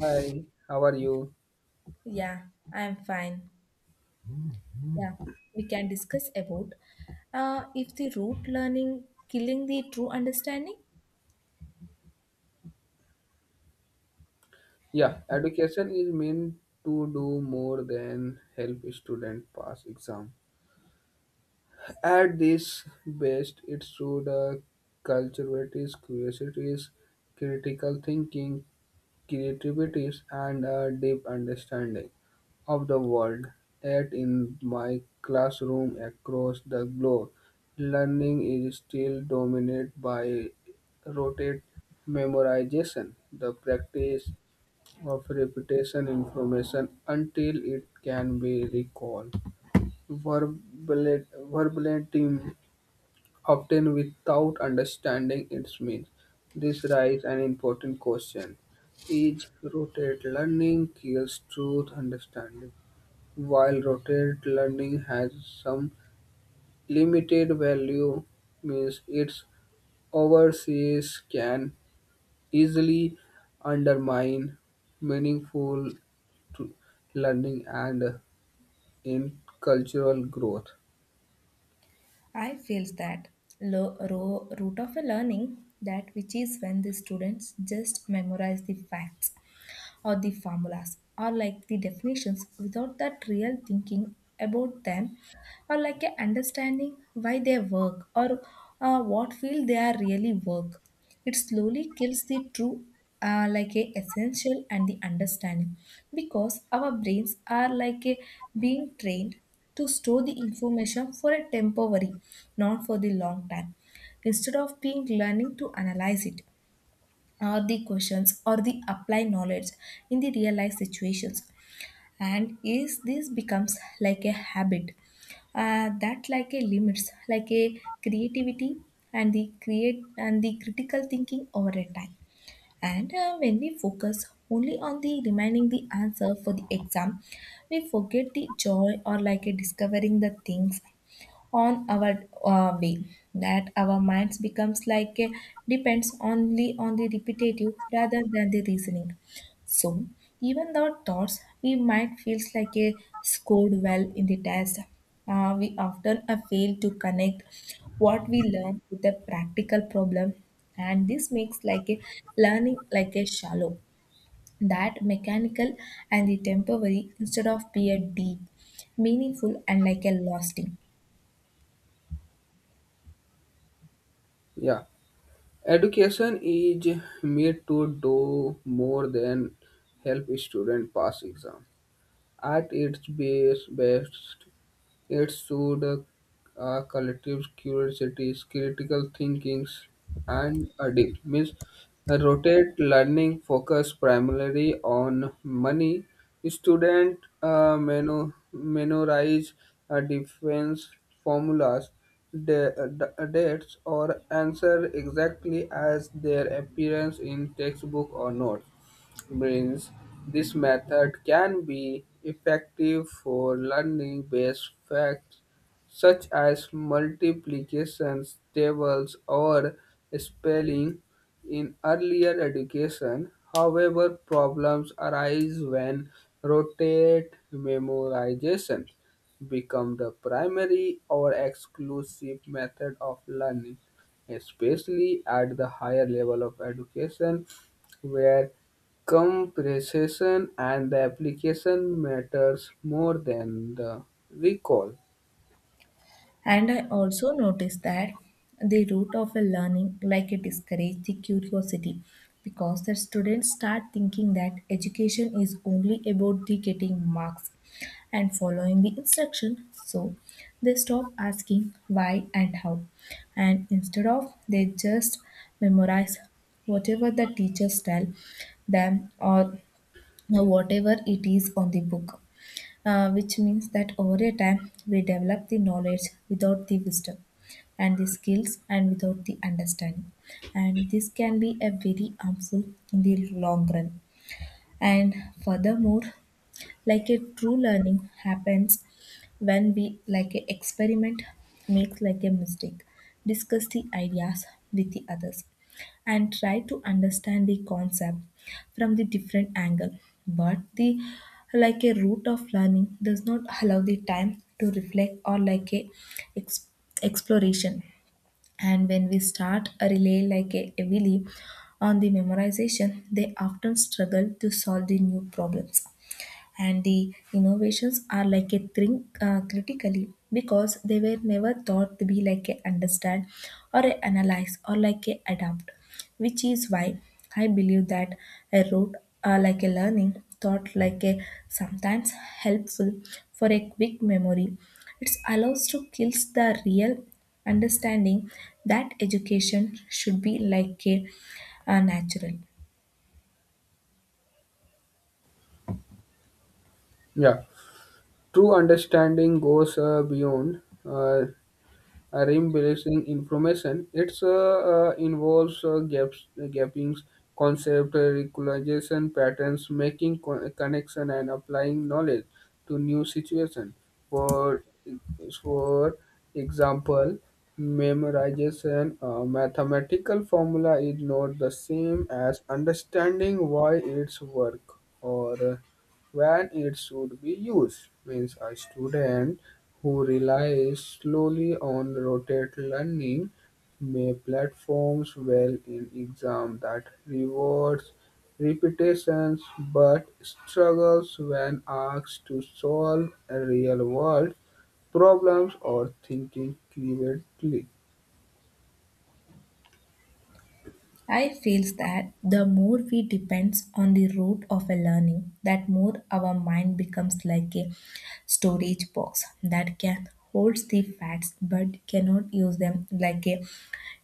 Hi, how are you? Yeah, I am fine. Yeah, we can discuss about if the root learning killing the true understanding. Yeah, education is meant to do more than help student pass exam. At this best, it should cultivate curiosities, critical thinking, creativity, and a deep understanding of the world. Yet in my classroom across the globe, learning is still dominated by rote memorization. The practice of repetition information until it can be recalled. Verbalit- Verbatim, often without understanding its means. This raises an important question. Is rotate learning kills truth understanding? While rotate learning has some limited value, means its overseas can easily undermine meaningful tr- learning and in cultural growth. I feel that root of a learning that which is when the students just memorize the facts or the formulas or like the definitions without that real thinking about them or like a understanding why they work or what field they are really work, it slowly kills the true like a essential and the understanding because our brains are like a being trained to store the information for a temporary, not for the long time, instead of being learning to analyze it or the questions or the apply knowledge in the real life situations, and is this becomes like a habit, that like a limits like a creativity and the create and the critical thinking over a time. And when we focus only on the remaining the answer for the exam, we forget the joy or like a discovering the things on our way, that our minds becomes like a, depends only on the repetitive rather than the reasoning. So even though thoughts we might feels like a scored well in the test, we often fail to connect what we learn with a practical problem, and this makes like a learning like a shallow, that mechanical and the temporary instead of be a deep, meaningful and like a lasting. Yeah, education is made to do more than help student pass exam. At its base, best, it should a collective curiosity, critical thinking, and a deep means rotate learning focus primarily on money. Student memorize defense formulas, dates, or answer exactly as their appearance in textbook or notes brains. This method can be effective for learning based facts such as multiplications, tables, or spelling in earlier education. However, problems arise when rotate memorization become the primary or exclusive method of learning, especially at the higher level of education where comprehension and the application matters more than the recall. And I also noticed that the root of a learning, like it discourages the curiosity, because the students start thinking that education is only about the getting marks and following the instruction. So they stop asking why and how, and instead of they just memorize whatever the teachers tell them or whatever it is on the book, which means that over a time we develop the knowledge without the wisdom and the skills and without the understanding, and this can be a very harmful in the long run. And furthermore, like a true learning happens when we like a experiment, makes like a mistake, discuss the ideas with the others and try to understand the concept from the different angle, but the like a route of learning does not allow the time to reflect or like a ex- exploration. And when we start a relay like a heavily on the memorization, they often struggle to solve the new problems and the innovations are like a think critically, because they were never thought to be like a understand or a analyze or like a adapt, which is why I believe that a route like a learning, thought like a sometimes helpful for a quick memory, it allows to kills the real understanding, that education should be like a natural. Yeah, true understanding goes beyond reinforcing information. It's involves gaps, gappings, concept, recognition patterns, making connection and applying knowledge to new situation. For for example, memorization a mathematical formula is not the same as understanding why it's work or when it should be used, means a student who relies solely on rote learning may platforms well in exam that rewards repetitions but struggles when asked to solve real-world problems or thinking creatively. I feels that the more we depends on the route of a learning, that more our mind becomes like a storage box that can holds the facts but cannot use them like a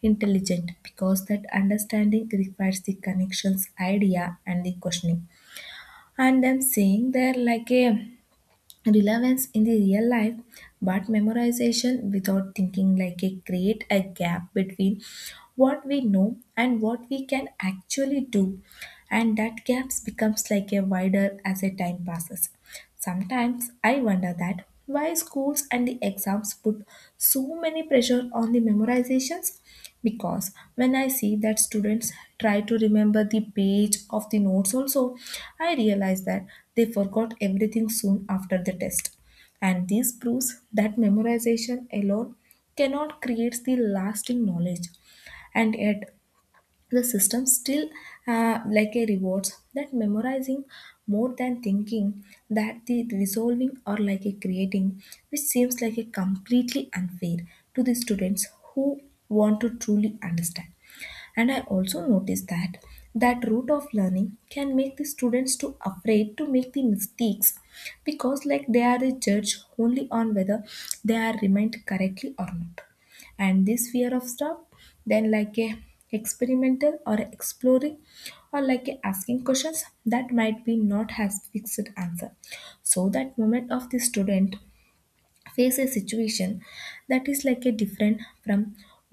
intelligent, because that understanding requires the connections idea and the questioning and them saying they're like a relevance in the real life, but memorization without thinking like a create a gap between what we know and what we can actually do, and that gaps becomes like a wider as a time passes. Sometimes I wonder that why schools and the exams put so many pressure on the memorizations, because when I see that students try to remember the page of the notes also, I realize that they forgot everything soon after the test. And this proves that memorization alone cannot create the lasting knowledge. And yet, the system still like a rewards that memorizing more than thinking, that the resolving or like a creating, which seems like a completely unfair to the students who want to truly understand. And I also noticed that that route of learning can make the students too afraid to make the mistakes, because like they are judged only on whether they are remained correctly or not, and this fear of stuff then like a experimental or exploring or like a asking questions that might be not has fixed answer. So that moment of the student face a situation that is like a different from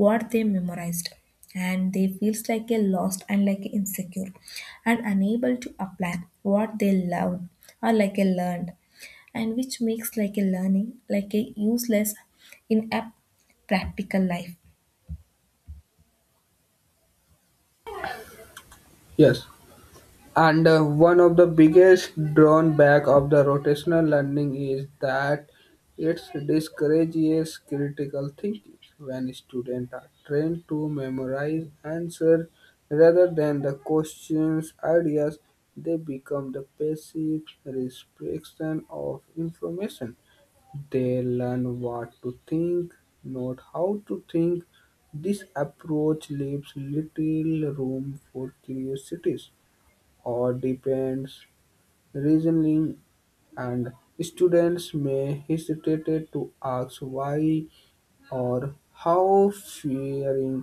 what they memorized, and they feels like a lost and like insecure and unable to apply what they loved or like a learned, and which makes like a learning like a useless in a practical life. Yes. And one of the biggest drawback of the rotational learning is that it discourages critical thinking. When students are trained to memorize answers rather than the questions ideas, they become the passive restriction of information. They learn what to think, not how to think. This approach leaves little room for curiosities or depends reasoning, and students may hesitate to ask why or how, fearing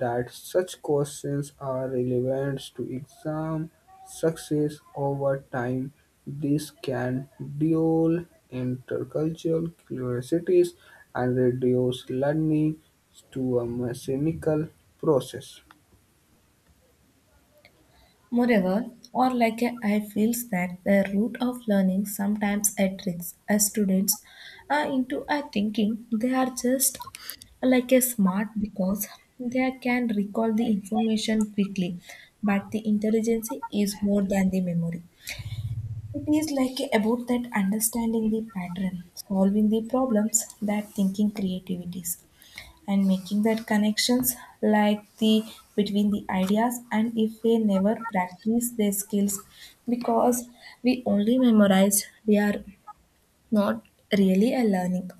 that such questions are relevant to exam success. Over time, this can dull intercultural curiosities and reduce learning to a mechanical process. Moreover, or like Urlacher feels that the root of learning sometimes attracts, tricks students into a thinking they are just like a smart because they can recall the information quickly, but the intelligence is more than the memory. It is like about that understanding the pattern, solving the problems, that thinking creativities and making that connections like the between the ideas, and if we never practice their skills because we only memorize, we are not really a learning.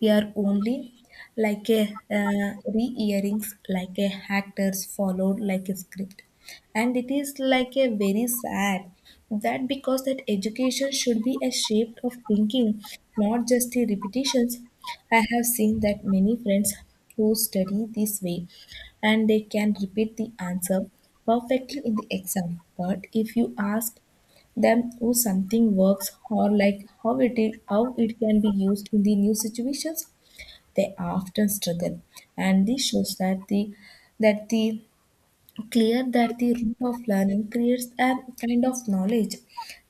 We are only like a re-earings, like a actors followed like a script. And it is like a very sad that, because that education should be a shape of thinking, not just the repetitions. I have seen that many friends who study this way, and they can repeat the answer perfectly in the exam. But if you ask them who something works or like how it is, how it can be used in the new situations, they often struggle, and this shows that the clear that the root of learning creates a kind of knowledge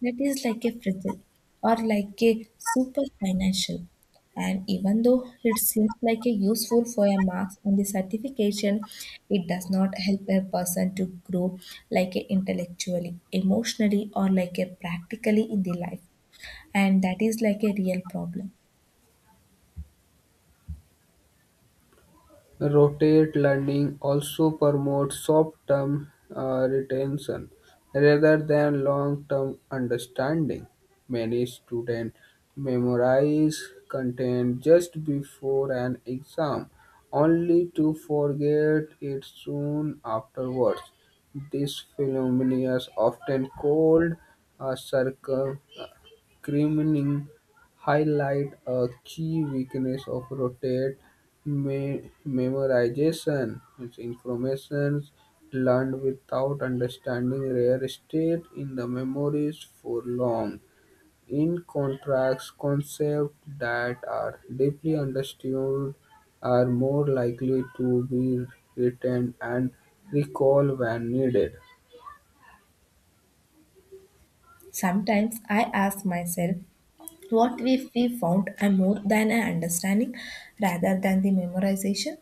that is like a fragile or like a super financial. And even though it seems like a useful for a marks on the certification, it does not help a person to grow like a intellectually, emotionally, or like a practically in the life. And that is like a real problem. Rotate lending also promotes short-term retention rather than long-term understanding. Many students memorize content just before an exam only to forget it soon afterwards. This phenomenon is often called a circle criminal highlight a key weakness of rotate memorization is information learned without understanding rare state in the memories for long. In contrast, concepts that are deeply understood are more likely to be written and recalled when needed. Sometimes I ask myself, what we found are more than an understanding rather than the memorization.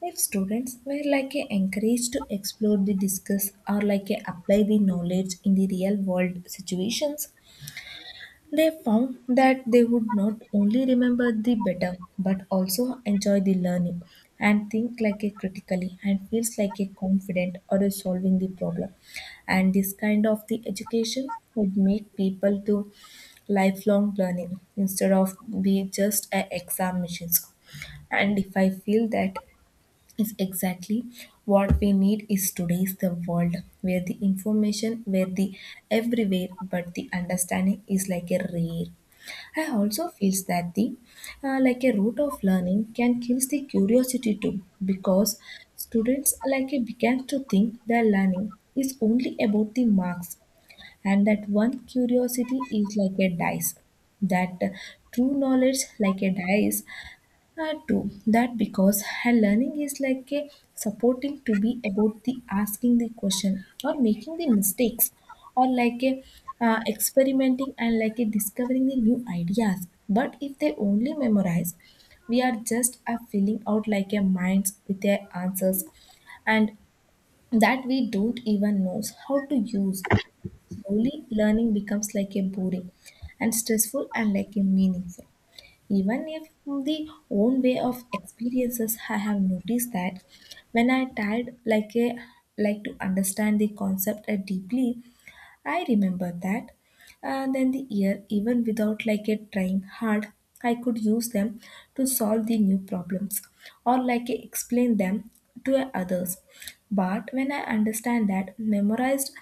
If students were like a encouraged to explore the discuss or like a apply the knowledge in the real world situations, they found that they would not only remember the better but also enjoy the learning and think like a critically and feels like a confident or a solving the problem. And this kind of the education would make people to lifelong learning instead of be just a exam machines. And if I feel that is exactly what we need is today's the world where the information where the everywhere but the understanding is like a rare. I also feels that the like a root of learning can kill the curiosity too, because students like a began to think their learning is only about the marks and that one curiosity is like a dice, that true knowledge like a dice, true that because her learning is like a supporting to be about the asking the question or making the mistakes or like a experimenting and like a discovering the new ideas, but if they only memorize, we are just a filling out like a minds with their answers and that we don't even know how to use, slowly learning becomes like a boring and stressful and like a meaningful. Even if the own way of experiences, I have noticed that when I tried like a like to understand the concept deeply, I remember that. And then the year, even without like it trying hard, I could use them to solve the new problems or like I explain them to others. But when I understand that memorized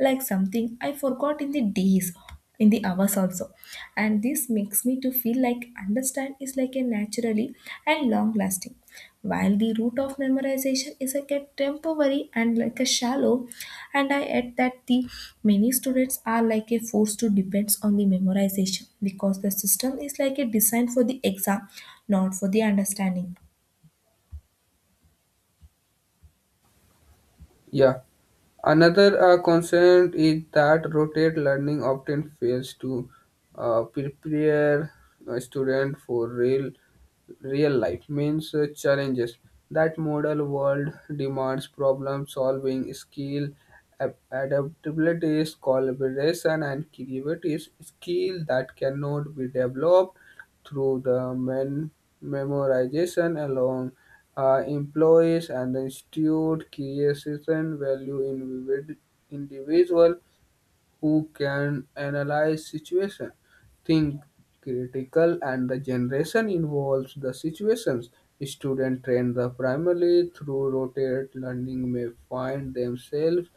like something, I forgot in the days, in the hours also. And this makes me to feel like understand is like a naturally and long lasting, while the root of memorization is like a temporary and like a shallow. And I add that the many students are like a forced to depends on the memorization because the system is like a designed for the exam, not for the understanding. Yeah. Another concern is that rotate learning often fails to prepare a student for real life means challenges that model world demands problem solving skill, adaptability, collaboration, and creativity skill that cannot be developed through the memorization alone. Employees and the institute creation value in individual who can analyze situation, think critical, and the generation involves the situations. Student trained the primarily through rotate learning may find themselves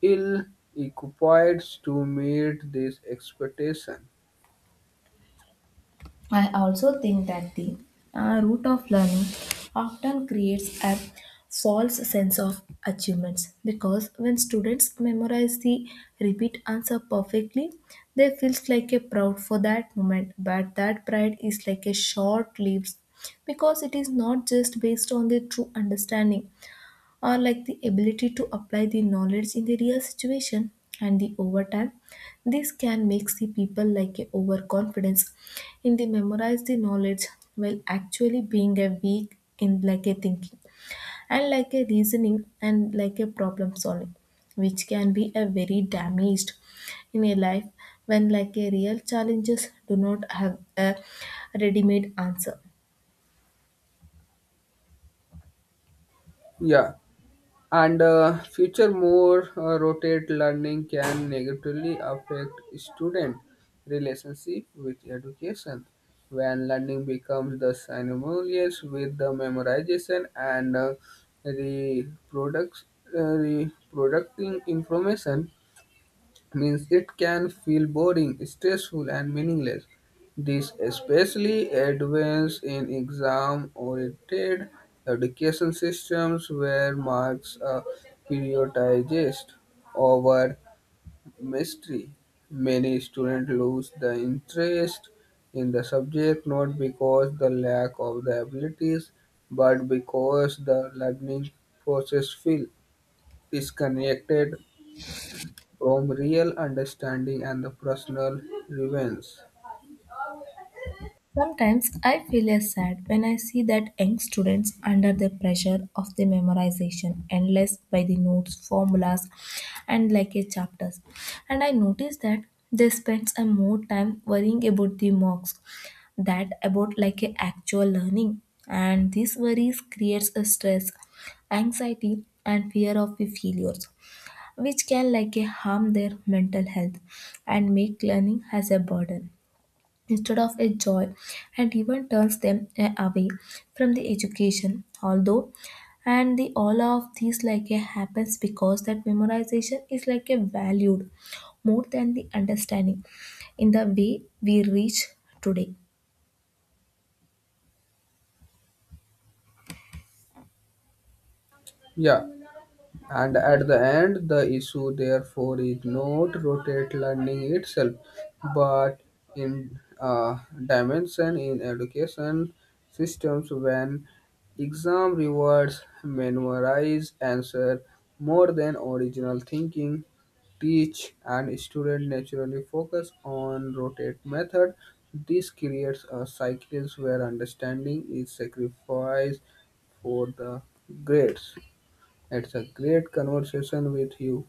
ill equipped to meet this expectation. I also think that the root of learning often creates a false sense of achievements, because when students memorize the repeat answer perfectly, they feel like a proud for that moment. But that pride is like a short lived because it is not just based on the true understanding or like the ability to apply the knowledge in the real situation, and the overtime this can make the people like a overconfidence in the memorize the knowledge, while actually being a weak in like a thinking and like a reasoning and like a problem solving, which can be a very damaged in a life when like a real challenges do not have a ready-made answer. Yeah. and future more rotate learning can negatively affect student relationship with education. When learning becomes the synonymous with the memorization and reproduct, reproducting information means it can feel boring, stressful, and meaningless. This especially advanced in exam-oriented education systems where marks are prioritized over mystery. Many students lose the interest in the subject, not because the lack of the abilities but because the learning process feels disconnected from real understanding and the personal relevance. Sometimes I feel as sad when I see that young students under the pressure of the memorization endless by the notes, formulas and like a chapters. And I notice that they spend a more time worrying about the marks that about like a actual learning. And these worries creates a stress, anxiety and fear of the failures, which can like a harm their mental health and make learning as a burden instead of a joy, and even turns them away from the education although, and the all of these like a happens because that memorization is like a valued more than the understanding in the way we reach today. Yeah. And at the end, the issue therefore is not rotate learning itself, but in dimension in education systems. When exam rewards memorize answer more than original thinking, teach and student naturally focus on rotate method. This creates a cycles where understanding is sacrificed for the grades. It's a great conversation with you,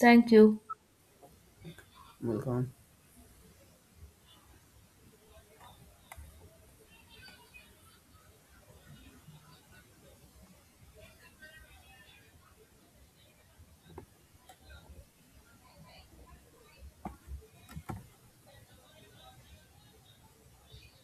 Thank you. Malcolm.